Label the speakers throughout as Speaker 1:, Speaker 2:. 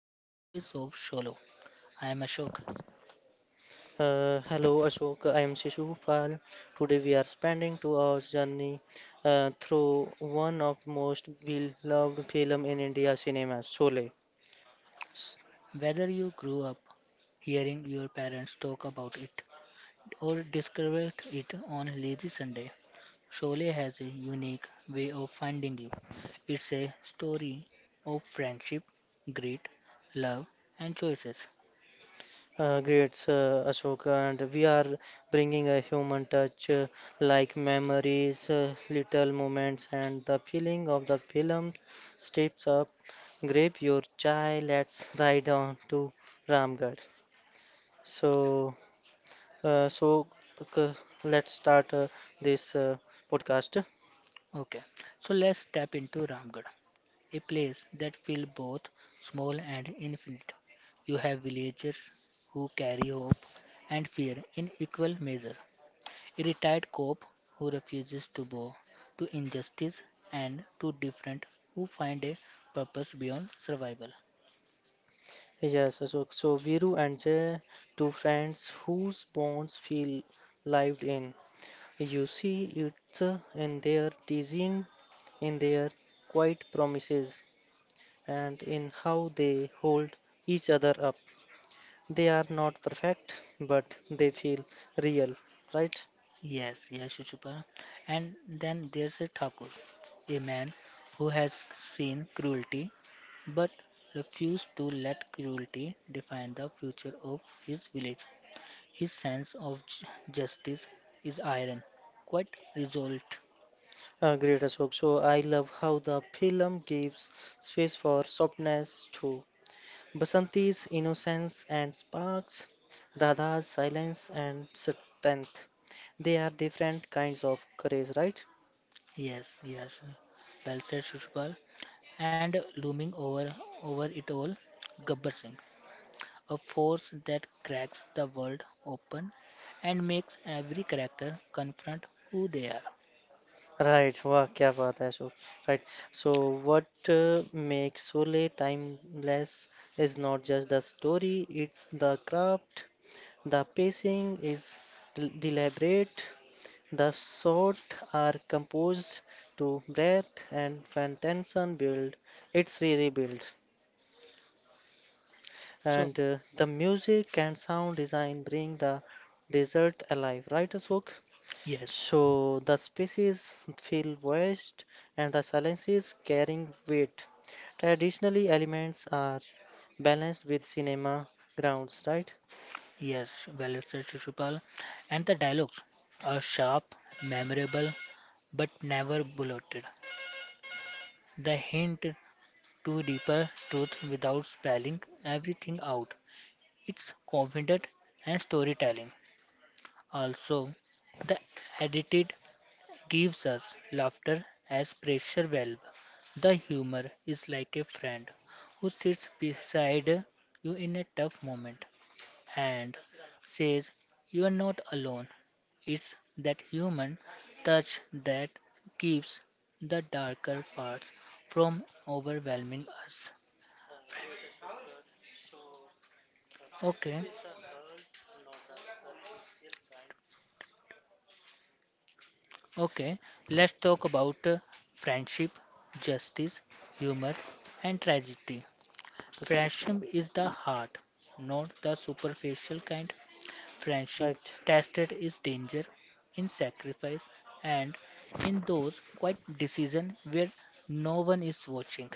Speaker 1: to Echoes of Solo. I am Ashok.
Speaker 2: Hello Ashok, I am Shishu Pal. Today we are spending 2 hours journey through one of most beloved film in India cinema, Sole. S-
Speaker 1: Whether you grew up hearing your parents talk about it or discovered it on Lazy Sunday, Sholay has a unique way of finding you. It's a story of friendship, grit, love, and choices.
Speaker 2: Ashok, and we are bringing a human touch, like memories, little moments, and the feeling of the film steps up. Grab your chai, let's ride on to Ramgarh. So. Uh, so c- let's start this podcast.
Speaker 1: Okay, so let's step into Ramgarh, a place that feels both small and infinite. You have villagers who carry hope and fear in equal measure, a retired cop who refuses to bow to injustice, and two different who find a purpose beyond survival.
Speaker 2: Yes, so Viru and Jay, two friends whose bonds feel lived in. You see it in their teasing, in their quiet promises, and in how they hold each other up. They are not perfect, but they feel real, right?
Speaker 1: Yes, yes, Shuchupa. And then there's a Thakur, a man who has seen cruelty but refused to let cruelty define the future of his village. His sense of justice is iron, quite resolved.
Speaker 2: Great Ashok. So I love how the film gives space for softness too, Basanti's innocence and sparks, Radha's silence and strength. They are different kinds of courage, right?
Speaker 1: Yes, yes. Well said, Shuchupal. And looming over it all, Gabbar Singh, a force that cracks the world open and makes every character confront who they are.
Speaker 2: Right, wow, kya baat hai, Ashok. Right. So what makes Sole timeless is not just the story, it's the craft. The pacing is deliberate. The shot are composed to breath, and when tension build, it's really build.
Speaker 1: So,
Speaker 2: And the music and sound design bring the desert alive, right, Ashok?
Speaker 1: yes,
Speaker 2: So the spaces feel vast and the silences carrying weight. Traditionally, elements are balanced with cinema grounds, right?
Speaker 1: yes, well said, Shishupal. And the dialogues are sharp, memorable, but never bulleted. The hint to deeper truth without spelling everything out. It's confident and storytelling. Also, the edited gives us laughter as pressure valve. The humor is like a friend who sits beside you in a tough moment and says you are not alone. It's that human touch that keeps the darker parts from overwhelming us. Okay, okay, let's talk about friendship, justice, humor, and tragedy. Friendship is the heart, not the superficial kind. Friendship
Speaker 2: Right.
Speaker 1: tested is danger, in sacrifice, and in those quiet decisions where no one is watching.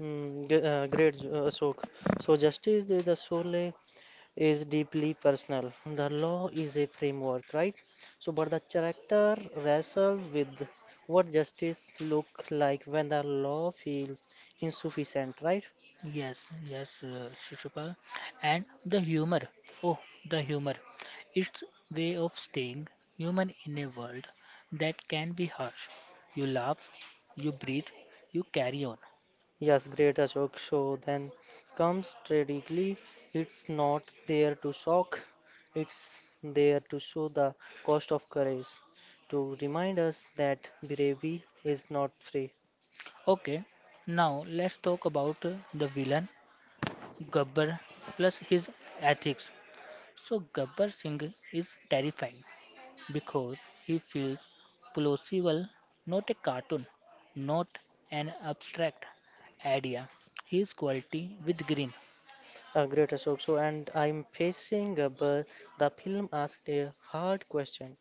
Speaker 2: Ashok. So justice is the soul is deeply personal. The law is a framework, right? So, but the character wrestles with what justice look like when the law feels insufficient, right?
Speaker 1: Yes, yes, Shishupal. And the humor. Oh, the humor. It's way of staying human in a world that can be harsh. You laugh, you breathe, you carry on.
Speaker 2: Yes, great Ashok. So then comes tragically, it's not there to shock, it's there to show the cost of courage, to remind us that bravery is not free.
Speaker 1: Okay, now let's talk about the villain Gabbar plus his ethics. So Gabbar Singh is terrifying because he feels plausible, not a cartoon, not an abstract idea. He is quality with green.
Speaker 2: Great Ashok. So, and I'm facing a but the film asked a hard question.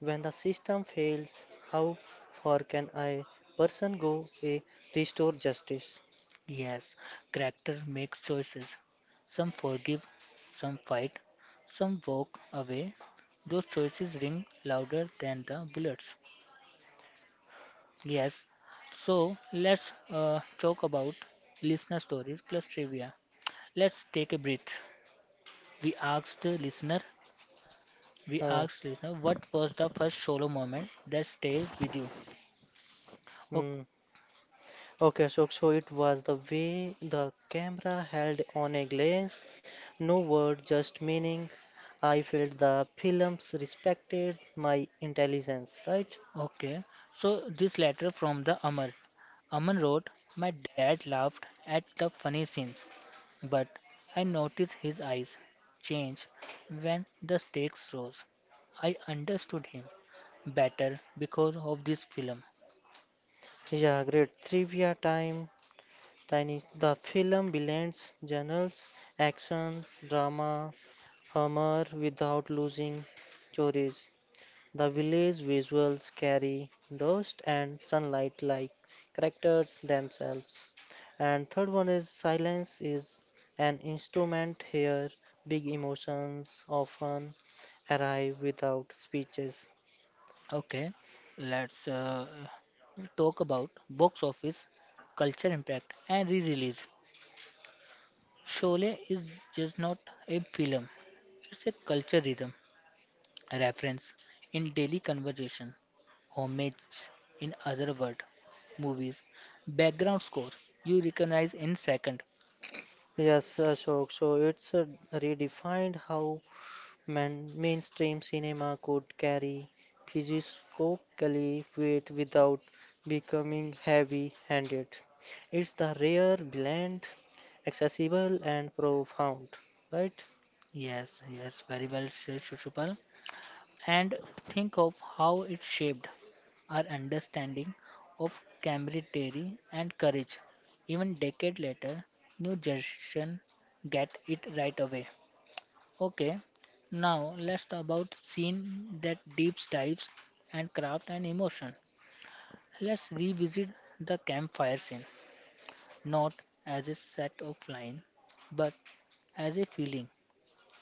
Speaker 2: When the system fails, how far can a person go a restore justice?
Speaker 1: Yes, character makes choices. Some forgive, some fight, some walk away. Those choices ring louder than the bullets. Yes, so let's talk about listener stories plus trivia. Let's take a breath. We asked the listener, we
Speaker 2: Uh,
Speaker 1: asked the listener, what was the first solo moment that stayed with you? O-
Speaker 2: hmm. Okay, Ashok. So it was the way the camera held on a glance. No word, just meaning. I felt the films respected my intelligence, right?
Speaker 1: Okay, so this letter from the Amar. Aman wrote, my dad laughed at the funny scenes, but I noticed his eyes change when the stakes rose. I understood him better because of this film.
Speaker 2: Yeah, great. Trivia time. Tiny, the film blends genres, action, drama, humor without losing stories. The village visuals carry dust and sunlight like characters themselves. And third one is silence is an instrument here. Big emotions often arrive without speeches.
Speaker 1: Okay, let's talk about box office, culture impact, and re-release. Sholay is just not a film; it's a culture rhythm, a reference in daily conversation, homage in other word, movies, background score you recognize in second.
Speaker 2: Yes, Ashok. So it's redefined how, Man, mainstream cinema could carry philosophical weight without becoming heavy-handed. It's the rare blend, accessible and profound, right?
Speaker 1: Yes, yes, very well said, Shushupal. And think of how it shaped our understanding of camaraderie and courage. Even decade later, new generation get it right away. Okay, now let's talk about scene that deep dives and craft and emotion. Let's revisit the campfire scene, not as a set of line, but as a feeling,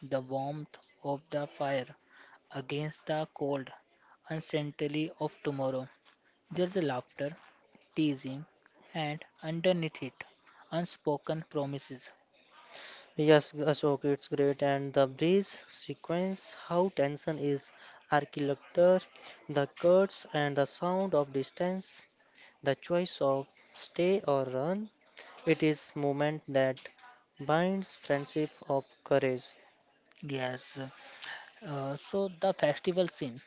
Speaker 1: the warmth of the fire against the cold uncertainty of tomorrow. There's a laughter, teasing, and underneath it, unspoken promises.
Speaker 2: Yes, Ashok, it's great. And the breeze sequence, how tension is architecture, the cuts and the sound of distance, the choice of stay or run. It is moment that binds friendship of courage.
Speaker 1: Yes. So the festival scene,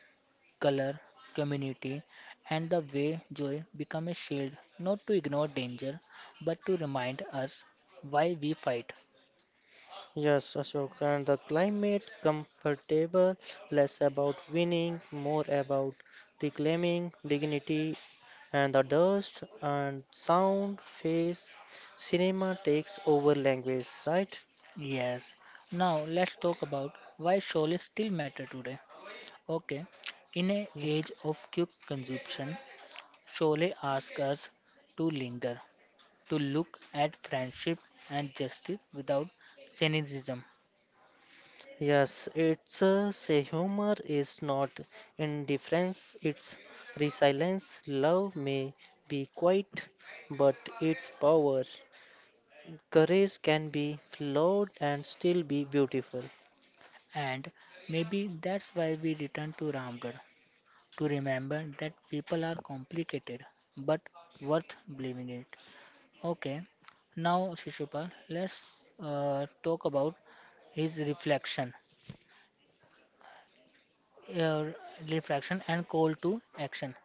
Speaker 1: color, community, and the way joy become a shield, not to ignore danger, but to remind us why we fight.
Speaker 2: Yes, Ashok, and the climate comfortable, less about winning, more about reclaiming dignity and the dust and sound, face. Cinema takes over language, right?
Speaker 1: Yes. Now let's talk about why solace still matter today. Okay. In an
Speaker 2: Yeah.
Speaker 1: age of quick consumption, Sholay asks us to linger, to look at friendship and justice without cynicism.
Speaker 2: Yes, it's say humor is not indifference, it's resilience. Love may be quiet, but its power. Courage can be flawed and still be beautiful.
Speaker 1: And maybe that's why we return to Ramgarh to remember that people are complicated but worth believing in. Okay, now Shishupal, let's talk about his reflection, uh, reflection and call to action.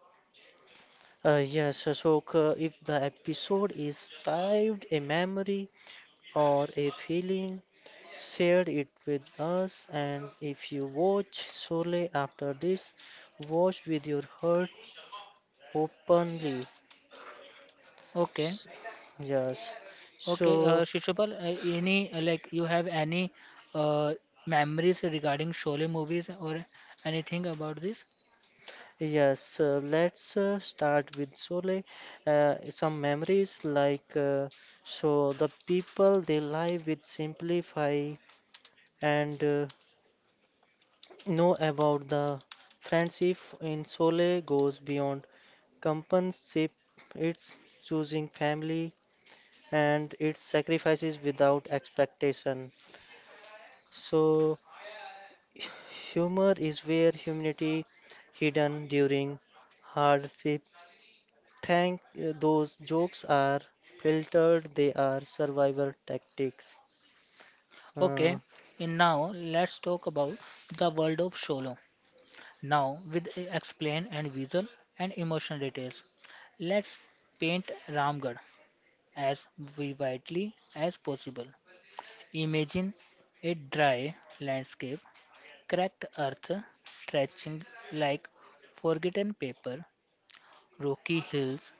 Speaker 2: Yes, Ashoka, if the episode is titled a memory or a feeling, share it with us. And if you watch solely after this, watch with your heart openly.
Speaker 1: Okay,
Speaker 2: S- Yes.
Speaker 1: okay,
Speaker 2: So,
Speaker 1: Shishupal, any like you have any uh, memories regarding Sholay movies or anything about this?
Speaker 2: yes, let's start with Sole. Some memories like so the people they lie with simplify and know about the friendship in Sole goes beyond companionship. It's choosing family and it's sacrifices without expectation. So humor is where humanity hidden during hardship. Thank those jokes are filtered. They are survival tactics. Uh,
Speaker 1: Okay, and now let's talk about the world of Sholay. Now with explain and visual and emotional details. Let's paint Ramgarh as vividly as possible. Imagine a dry landscape, cracked earth stretching like forgotten paper, Rocky Hills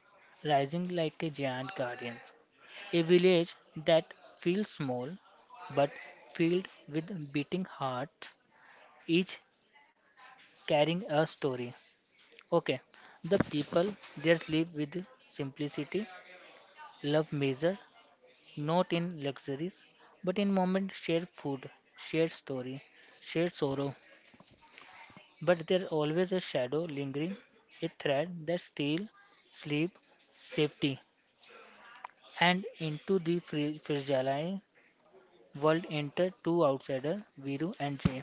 Speaker 1: rising like a giant guardian, a village that feels small but filled with beating hearts, each carrying a story. Okay, the people there live with simplicity, love measure, not in luxuries, but in moments share food, share story, share sorrow. But there's always a shadow lingering, a thread that steals sleep, safety, and into the fragile world enter two outsiders, Viru and Jay.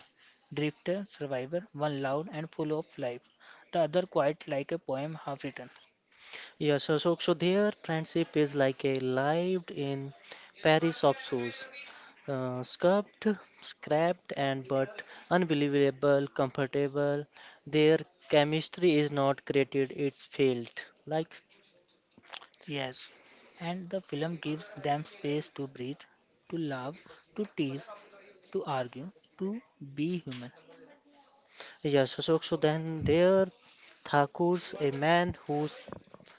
Speaker 1: Drifter, survivor, one loud and full of life, the other quiet like a poem half written.
Speaker 2: so their friendship is like a lived in Paris of shoes. Scuffed, scrapped, and but unbelievable, comfortable. Their chemistry is not created; it's felt. Like,
Speaker 1: Yes, and the film gives them space to breathe, to laugh, to tease, to argue, to be human.
Speaker 2: so then there, Thakur's a man whose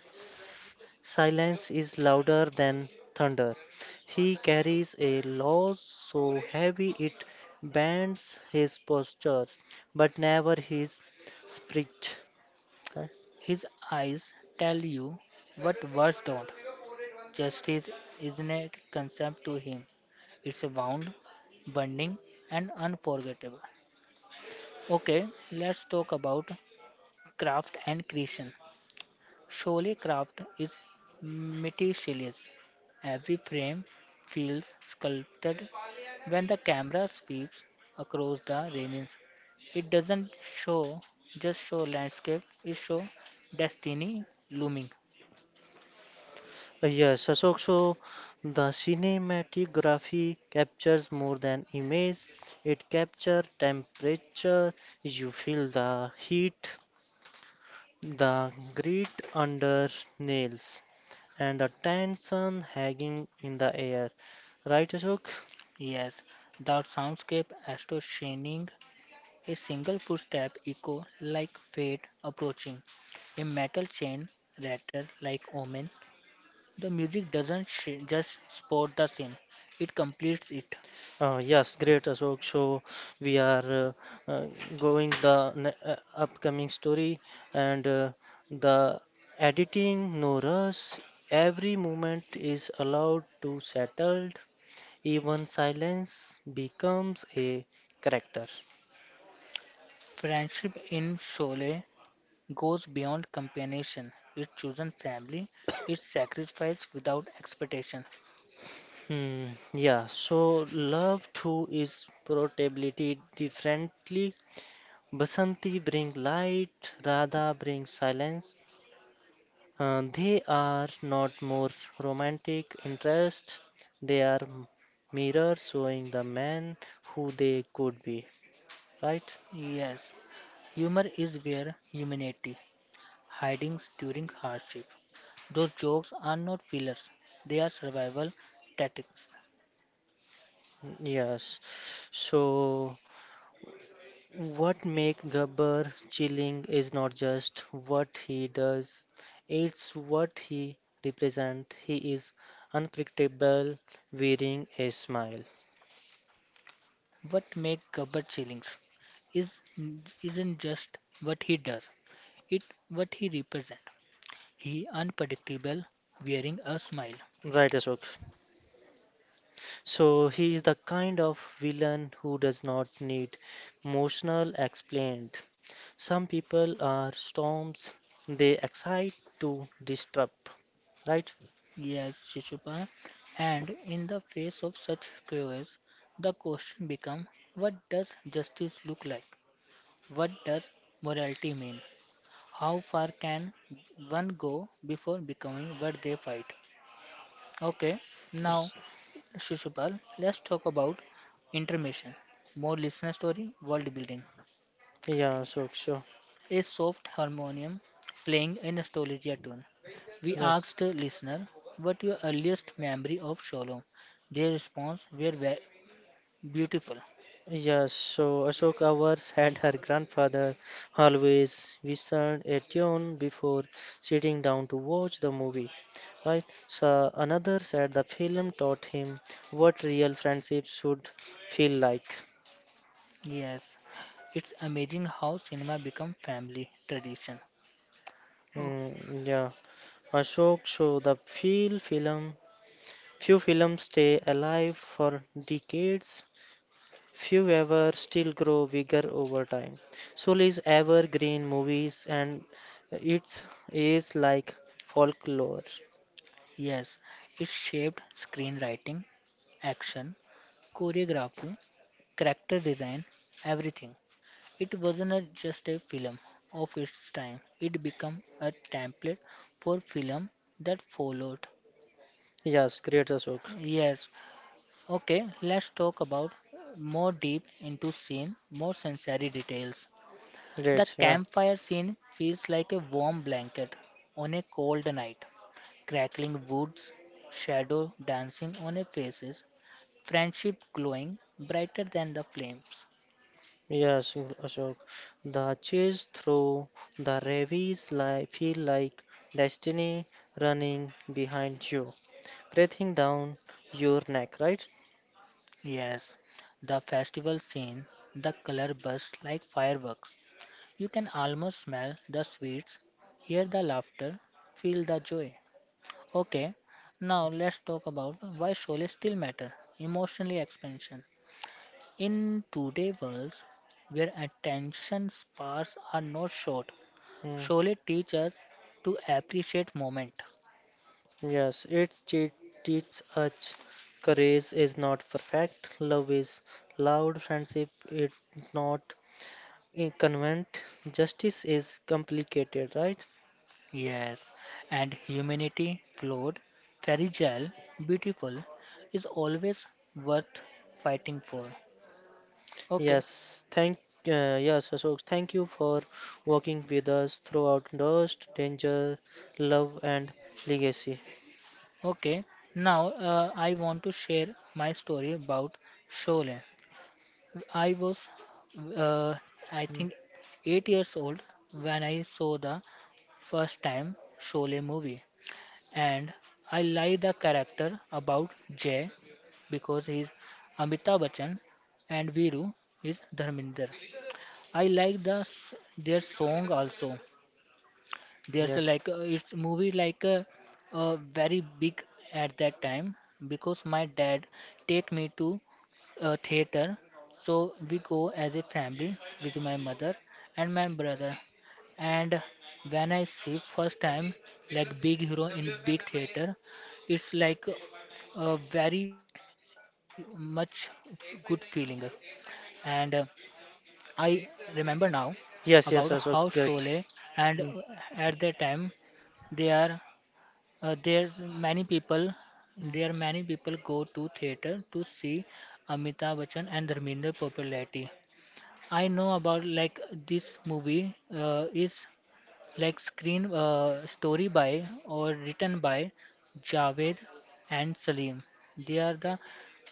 Speaker 2: s- silence is louder than thunder. He carries a law so heavy it bends his posture, but never his spirit.
Speaker 1: His eyes tell you what words don't. Justice isn't a concept to him, it's a wound, burning, and unforgettable. Okay, let's talk about craft and creation. Surely, craft is meticulous. Every frame feels sculpted. When the camera sweeps across the railings, it doesn't show just show landscape. It show destiny looming.
Speaker 2: Yes, Ashok, so the cinematography captures more than image. It captures temperature. You feel the heat, the grit under nails, and the tension hanging in the air. Right, Ashok?
Speaker 1: Yes, that soundscape astonishing. A single footstep echo like fate approaching. A metal chain rattle like omen. The music doesn't just support the scene, it completes it.
Speaker 2: Yes, great Ashok. So we are uh, uh, going the ne upcoming story and the editing, no rush. Every moment is allowed to settle. Even silence becomes a character.
Speaker 1: Friendship in Sholay goes beyond companionship, it's chosen family, it's sacrifice without expectation.
Speaker 2: Hmm, yeah, so love too is portability differently. Basanti bring light, Radha brings silence. They are not more romantic interests, they are mirrors showing the man who they could be, right?
Speaker 1: Yes, humor is where humanity hides during hardship. Those jokes are not fillers, they are survival tactics.
Speaker 2: Mm, Yes. So, what make Gabbar chilling is not just what he does, it's what he represents. He is unpredictable, wearing a smile.
Speaker 1: What makes Gabbar chillings is isn't just what he does, it what he represents. He unpredictable, wearing a smile.
Speaker 2: Right, Ashok? So he is the kind of villain who does not need emotional explained. Some people are storms, they excite to disrupt, right?
Speaker 1: Yes, Shishupal. And in the face of such chaos, the question becomes what does justice look like? What does morality mean? How far can one go before becoming what they fight? Okay, now
Speaker 2: S-
Speaker 1: Shishupal, let's talk about intermission. More listener story, world building.
Speaker 2: Yeah, Ashok, sure.
Speaker 1: A soft harmonium playing a nostalgia tune. We
Speaker 2: Yes.
Speaker 1: asked the listener, what your earliest memory of Shalom? Their response were beautiful.
Speaker 2: Yes, so Ashok ours had her grandfather always whistled a tune before sitting down to watch the movie, right? So another said the film taught him what real friendships should feel like.
Speaker 1: Yes, it's amazing how cinema become family tradition. Oh,
Speaker 2: Mm, yeah, Ashok, so the feel film, few films stay alive for decades, few ever still grow bigger over time. So is evergreen movies and its is like folklore.
Speaker 1: yes, it shaped screenwriting, action, choreography, character design, everything. It wasn't just a film of its time, it became a template for film that followed.
Speaker 2: Yes, great Ashok.
Speaker 1: Yes, okay, let's talk about more deep into scene, more sensory details. The
Speaker 2: Great, yeah.
Speaker 1: campfire scene feels like a warm blanket on a cold night crackling woods, shadow dancing on her faces, friendship glowing brighter than the flames.
Speaker 2: Yes, Ashok. The chase through the ravines li feel like destiny running behind you, breathing down your neck, right?
Speaker 1: Yes, the festival scene, the color bursts like fireworks. You can almost smell the sweets, hear the laughter, feel the joy. Okay, now let's talk about why Sholay still matter. Emotionally expansion. In today's world, where attention spans are not short,
Speaker 2: Mm,
Speaker 1: Sholay teaches us to appreciate moment.
Speaker 2: Yes, it te teaches us courage is not perfect, love is loud, friendship is not convenient, justice is complicated, right?
Speaker 1: Yes, and humanity, flawed, fragile, beautiful, is always worth fighting for. Okay,
Speaker 2: Yes, thank yes, Ashok, thank you for working with us throughout Dust, Danger, Love, and Legacy.
Speaker 1: okay. Now I want to share my story about Sholay. I was, uh, I
Speaker 2: Mm,
Speaker 1: think, 8 years old when I saw the first time Sholay movie, and I like the character about Jay because he's Amitabh Bachchan and Viru is Dharminder. I like the their song also. There's a
Speaker 2: Yes,
Speaker 1: like it's movie like a, uh, very big at that time because my dad take me to a theater, so we go as a family with my mother and my brother. And when I see first time like big hero in big theater, it's like a very much good feeling. And I remember now about
Speaker 2: yes,
Speaker 1: how
Speaker 2: Ashok, great.
Speaker 1: Sholay. And
Speaker 2: Mm,
Speaker 1: at that time they are uh, there many people there
Speaker 2: mm.
Speaker 1: many people go to theater to see Amitabh Bachchan and Dharmender popularity. I know about like this movie is like screen story by or written by Javed and Salim. They are the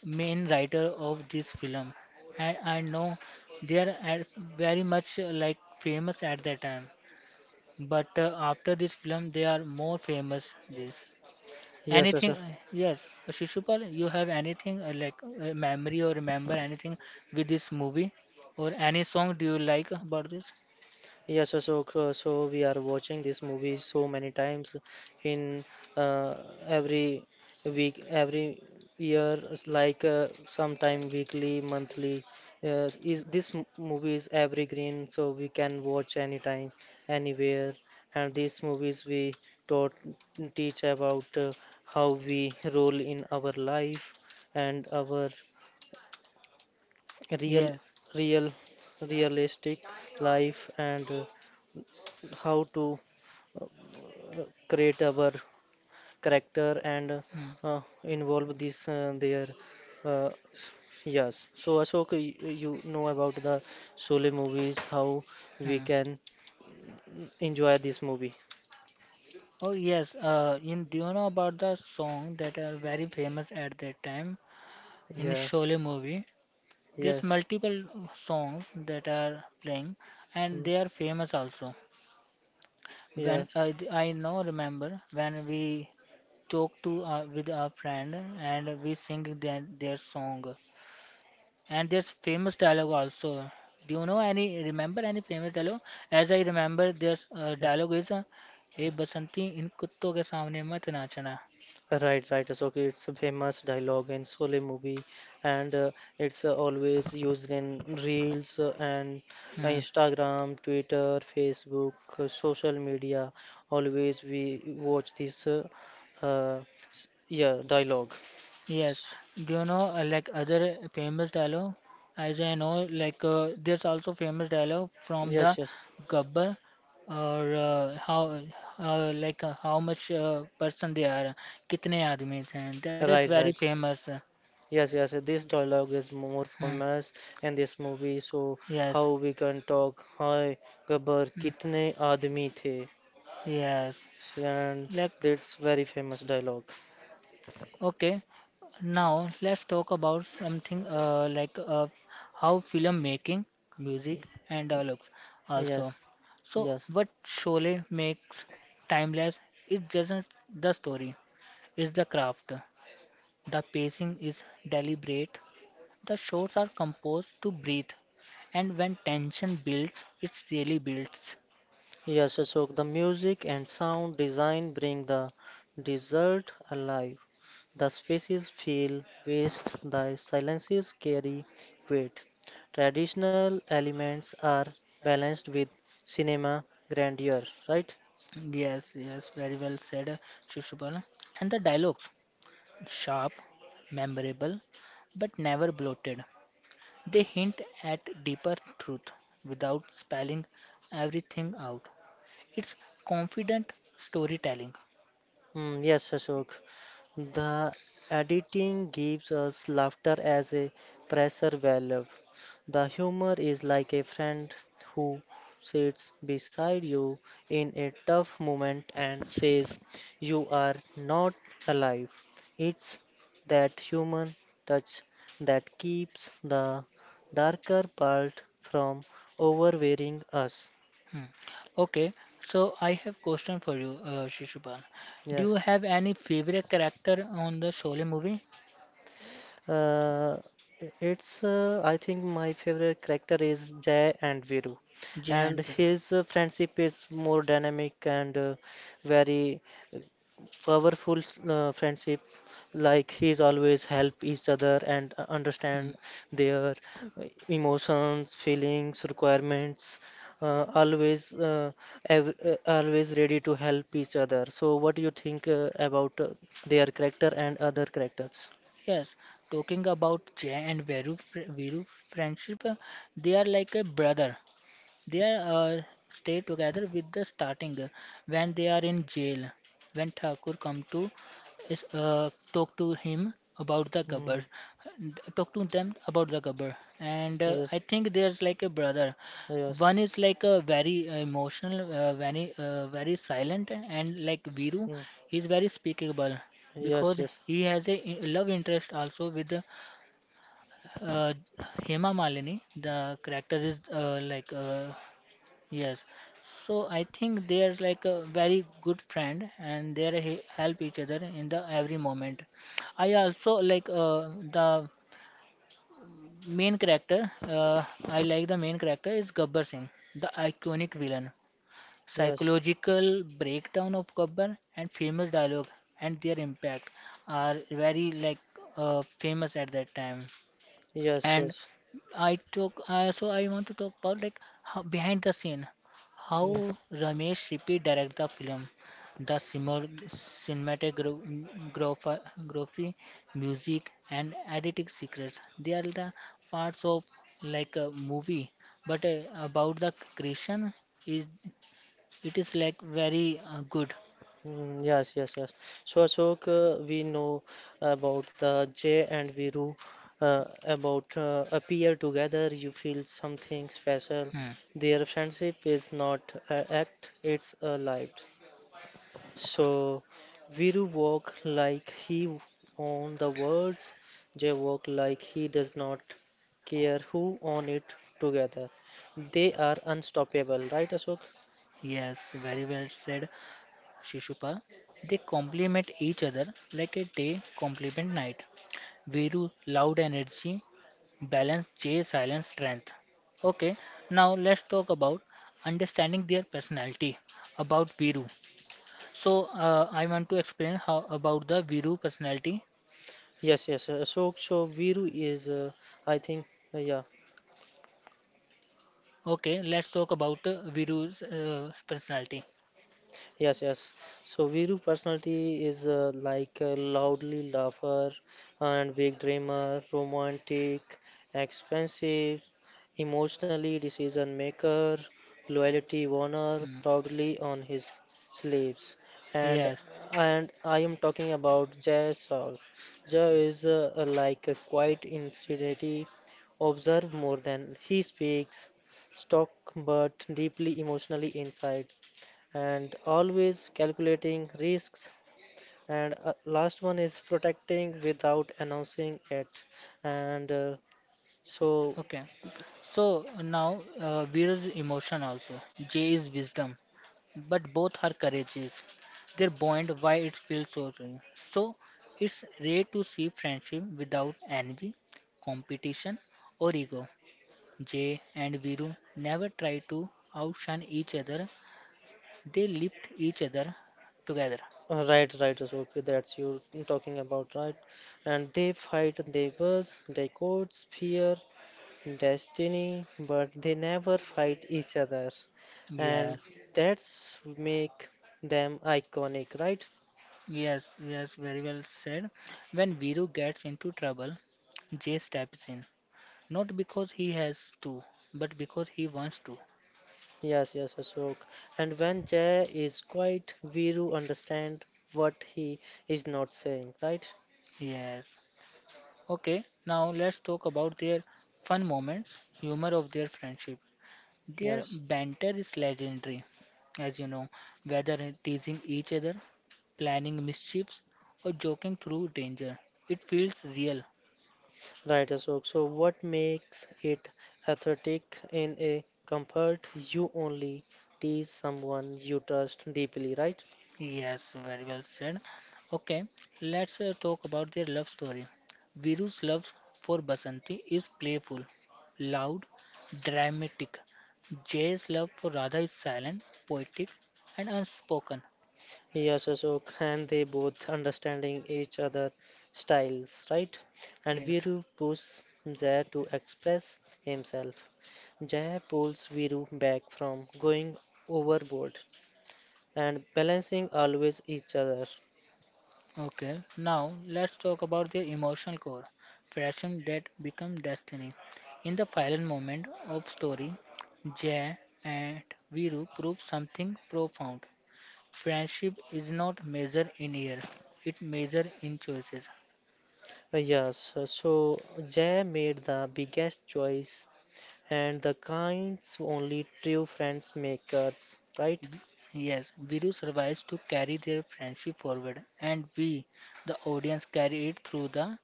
Speaker 1: main writer of this film. And I know they are at very much like famous at that time. But after this film, they are more famous. This
Speaker 2: Yes,
Speaker 1: anything?
Speaker 2: Ashok.
Speaker 1: Yes, Shishupal, you have anything like memory or remember anything with this movie or any song? Do you like about this?
Speaker 2: Yes, so we are watching this movie so many times in uh, every week, every year, it's like sometime weekly, monthly. Is this movie is evergreen, so we can watch anytime, anywhere. And these movies we taught teach about how we roll in our life and our real,
Speaker 1: Yes.
Speaker 2: real, realistic life and how to create our character and
Speaker 1: Hmm.
Speaker 2: involve this their uh, yes, so Ashok, you know about the Sole movies how we
Speaker 1: Hmm.
Speaker 2: can enjoy this movie.
Speaker 1: Oh yes, you, do you know about the song that are very famous at that time in
Speaker 2: Yeah.
Speaker 1: Sholay movie? There's
Speaker 2: Yes.
Speaker 1: multiple songs that are playing, and
Speaker 2: Mm,
Speaker 1: they are famous also.
Speaker 2: yeah.
Speaker 1: When I now remember when we talk to with our friend and we sing their song, and there's famous dialogue also. Do you know any? Remember any famous dialogue? As I remember, there's dialogue is, "Hey Basanti, in कुत्तों के सामने मत नाचना."
Speaker 2: Right, right. So okay, it's a famous dialogue in Sole movie, and it's always used in reels and
Speaker 1: Hmm.
Speaker 2: Instagram, Twitter, Facebook, social media. Always we watch this, uh, yeah, dialogue.
Speaker 1: Yes, do you know like other famous dialogue? As I know, like there's also famous dialogue from the
Speaker 2: Yes, yes.
Speaker 1: Gabbar, or how like how much person they are, kitne aadmi the, that is
Speaker 2: Right,
Speaker 1: very
Speaker 2: right.
Speaker 1: famous.
Speaker 2: Yes, yes. This dialogue is more
Speaker 1: Hmm.
Speaker 2: famous in this movie. So
Speaker 1: Yes.
Speaker 2: how we can talk? Hi, Gabbar,
Speaker 1: Hmm.
Speaker 2: kitne aadmi the?
Speaker 1: Yes.
Speaker 2: And
Speaker 1: Like,
Speaker 2: that's very famous dialogue.
Speaker 1: okay, now let's talk about something like how film making,
Speaker 2: Y-
Speaker 1: music, and dialogues also.
Speaker 2: Yes,
Speaker 1: So,
Speaker 2: yes,
Speaker 1: what Sholay makes timeless is just the story, is the craft. The pacing is deliberate. The shots are composed to breathe, and when tension builds, it really builds.
Speaker 2: yes, so the music and sound design bring the desert alive. The spaces feel vast, the silences carry weight. Traditional elements are balanced with cinema grandeur, right?
Speaker 1: Yes, yes, very well said, Shishupal. And the dialogues: sharp, memorable, but never bloated. They hint at deeper truth without spelling everything out. It's confident storytelling.
Speaker 2: Yes, Ashok. The editing gives us laughter as a pressure valve. The humor is like a friend who sits beside you in a tough moment and says, "You are not alive." It's that human touch that keeps the darker part from overwhelming us.
Speaker 1: Hmm. Okay, so I have question for you, Shishupal. Do you
Speaker 2: Yes.
Speaker 1: have any favorite character on the Sholay movie?
Speaker 2: Uh, it's I think my favorite character is Jay and Viru,
Speaker 1: Jai
Speaker 2: and
Speaker 1: and Viru.
Speaker 2: his friendship is more dynamic and very powerful friendship. Like he's always help each other and understand their emotions, feelings, requirements. Uh, always, uh, always ready to help each other. So, what do you think about their character and other characters?
Speaker 1: Yes, talking about Jay and Veeru, Veeru friendship, they are like a brother. They stay together with the starting when they are in jail. When Thakur come to is, talk to him about the Gabbar,
Speaker 2: Mm,
Speaker 1: talk to them about the Gabbar, and
Speaker 2: yes.
Speaker 1: I think there's like a brother.
Speaker 2: Yes.
Speaker 1: One is like a very emotional, very silent, and like Viru,
Speaker 2: Mm.
Speaker 1: he's very speakable
Speaker 2: Yes,
Speaker 1: because
Speaker 2: yes.
Speaker 1: he has a love interest also with uh, Hema Malini. The character is like yes, so I think they are like a very good friend and they are he help each other in the every moment. I also like the main character. I like the main character is Gabbar Singh, the iconic villain.
Speaker 2: Yes.
Speaker 1: Psychological breakdown of Gabbar and famous dialogue and their impact are very like famous at that time
Speaker 2: Yes,
Speaker 1: and
Speaker 2: yes.
Speaker 1: I took so I want to talk about like how, behind the scene, how
Speaker 2: Mm.
Speaker 1: Ramesh Rippy direct the film, the cinematography graphy, music and editing secrets, they are the parts of like a movie but about the creation it, it is like very good.
Speaker 2: Mm, Yes, yes, yes. So Ashok, we know about the Jay and Viru, about appear together, you feel something special.
Speaker 1: Hmm.
Speaker 2: Their friendship is not an act, it's a life. So Viru walk like he own the words, Jay walk like he does not care who own it together. They are unstoppable, right, Ashok?
Speaker 1: Yes, very well said, Shishuppa. They complement each other like a day complement night. Viru, loud energy, balance, Jay, silence, strength. Okay, now let's talk about understanding their personality about Viru. So, I want to explain how about the Viru personality.
Speaker 2: Yes, yes, Ashok. So Viru is, I think, yeah.
Speaker 1: Okay, let's talk about Viru's personality.
Speaker 2: Yes, yes. So Viru personality is like a loudly laugher and big dreamer, romantic, expensive, emotionally decision maker, loyalty owner,
Speaker 1: Hmm.
Speaker 2: proudly on his sleeves. And
Speaker 1: Yes.
Speaker 2: and I am talking about Jay Saul. Jay is like a quiet insanity, observe more than he speaks, stock but deeply emotionally inside and always calculating risks. And last one is protecting without announcing it. And uh, so,
Speaker 1: Okay. So now Veer is emotion also. J is wisdom. But both are courageous. They're buoyant why it feels so real. So it's rare to see friendship without envy, competition or ego. Jay and Viru never try to outshine each other. They lift each other together.
Speaker 2: right, right, so okay, that's you talking about, right? And they fight neighbors, they courts, fear, destiny, but they never fight each other. And
Speaker 1: Yes,
Speaker 2: that's make them iconic, right?
Speaker 1: yes, very well said. When Viru gets into trouble, Jay steps in. Not because he has to, but because he wants to.
Speaker 2: Yes, yes, Ashok. And when Jay is quiet, Viru understand what he is not saying, right?
Speaker 1: Yes. Okay, now let's talk about their fun moments, humor of their friendship. Their
Speaker 2: Yes,
Speaker 1: banter is legendary, as you know, whether in teasing each other, planning mischiefs, or joking through danger. It feels real.
Speaker 2: right, Ashok. So what makes it authentic in a comfort? You only tease someone you trust deeply, right?
Speaker 1: Yes, very well said. Okay, let's talk about their love story. Viru's love for Basanti is playful, loud, dramatic. Jay's love for Radha is silent, poetic, and unspoken.
Speaker 2: Yes, Ashok. And they both understanding each other styles, right? And
Speaker 1: Yes,
Speaker 2: Viru pushes Jay to express himself. Jay pulls Viru back from going overboard. And balancing always each other.
Speaker 1: okay, now let's talk about their emotional core, passion that become destiny. In the final moment of story, Jay and Viru prove something profound. Friendship is not measured in year, it measured in choices.
Speaker 2: Yes, so Jay made the biggest choice and the kinds only true friends makers, right?
Speaker 1: V- Yes, Viru survives to carry their friendship forward, and we, the audience, carry it through the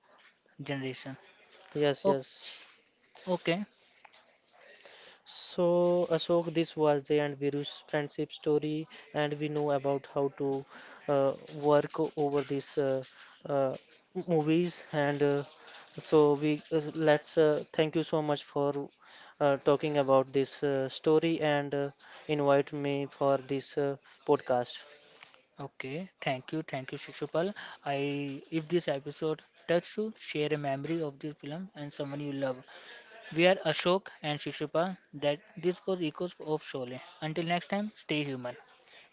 Speaker 1: generation.
Speaker 2: Yes,
Speaker 1: O-
Speaker 2: yes.
Speaker 1: Okay.
Speaker 2: So, Ashok, this was the and Viru's friendship story, and we know about how to work over these uh, movies. And so, we let's thank you so much for talking about this story and invite me for this podcast.
Speaker 1: Okay, thank you, Shishupal. I if this episode touched you, share a memory of the film and someone you love. We are Ashok and Shishupal. That this was Echoes of Sholay. Until next time, stay human.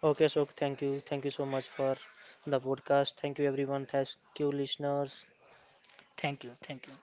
Speaker 2: Okay, Ashok, thank you so much for the podcast. Thank you, everyone. Thank you, listeners.
Speaker 1: Thank you, thank you.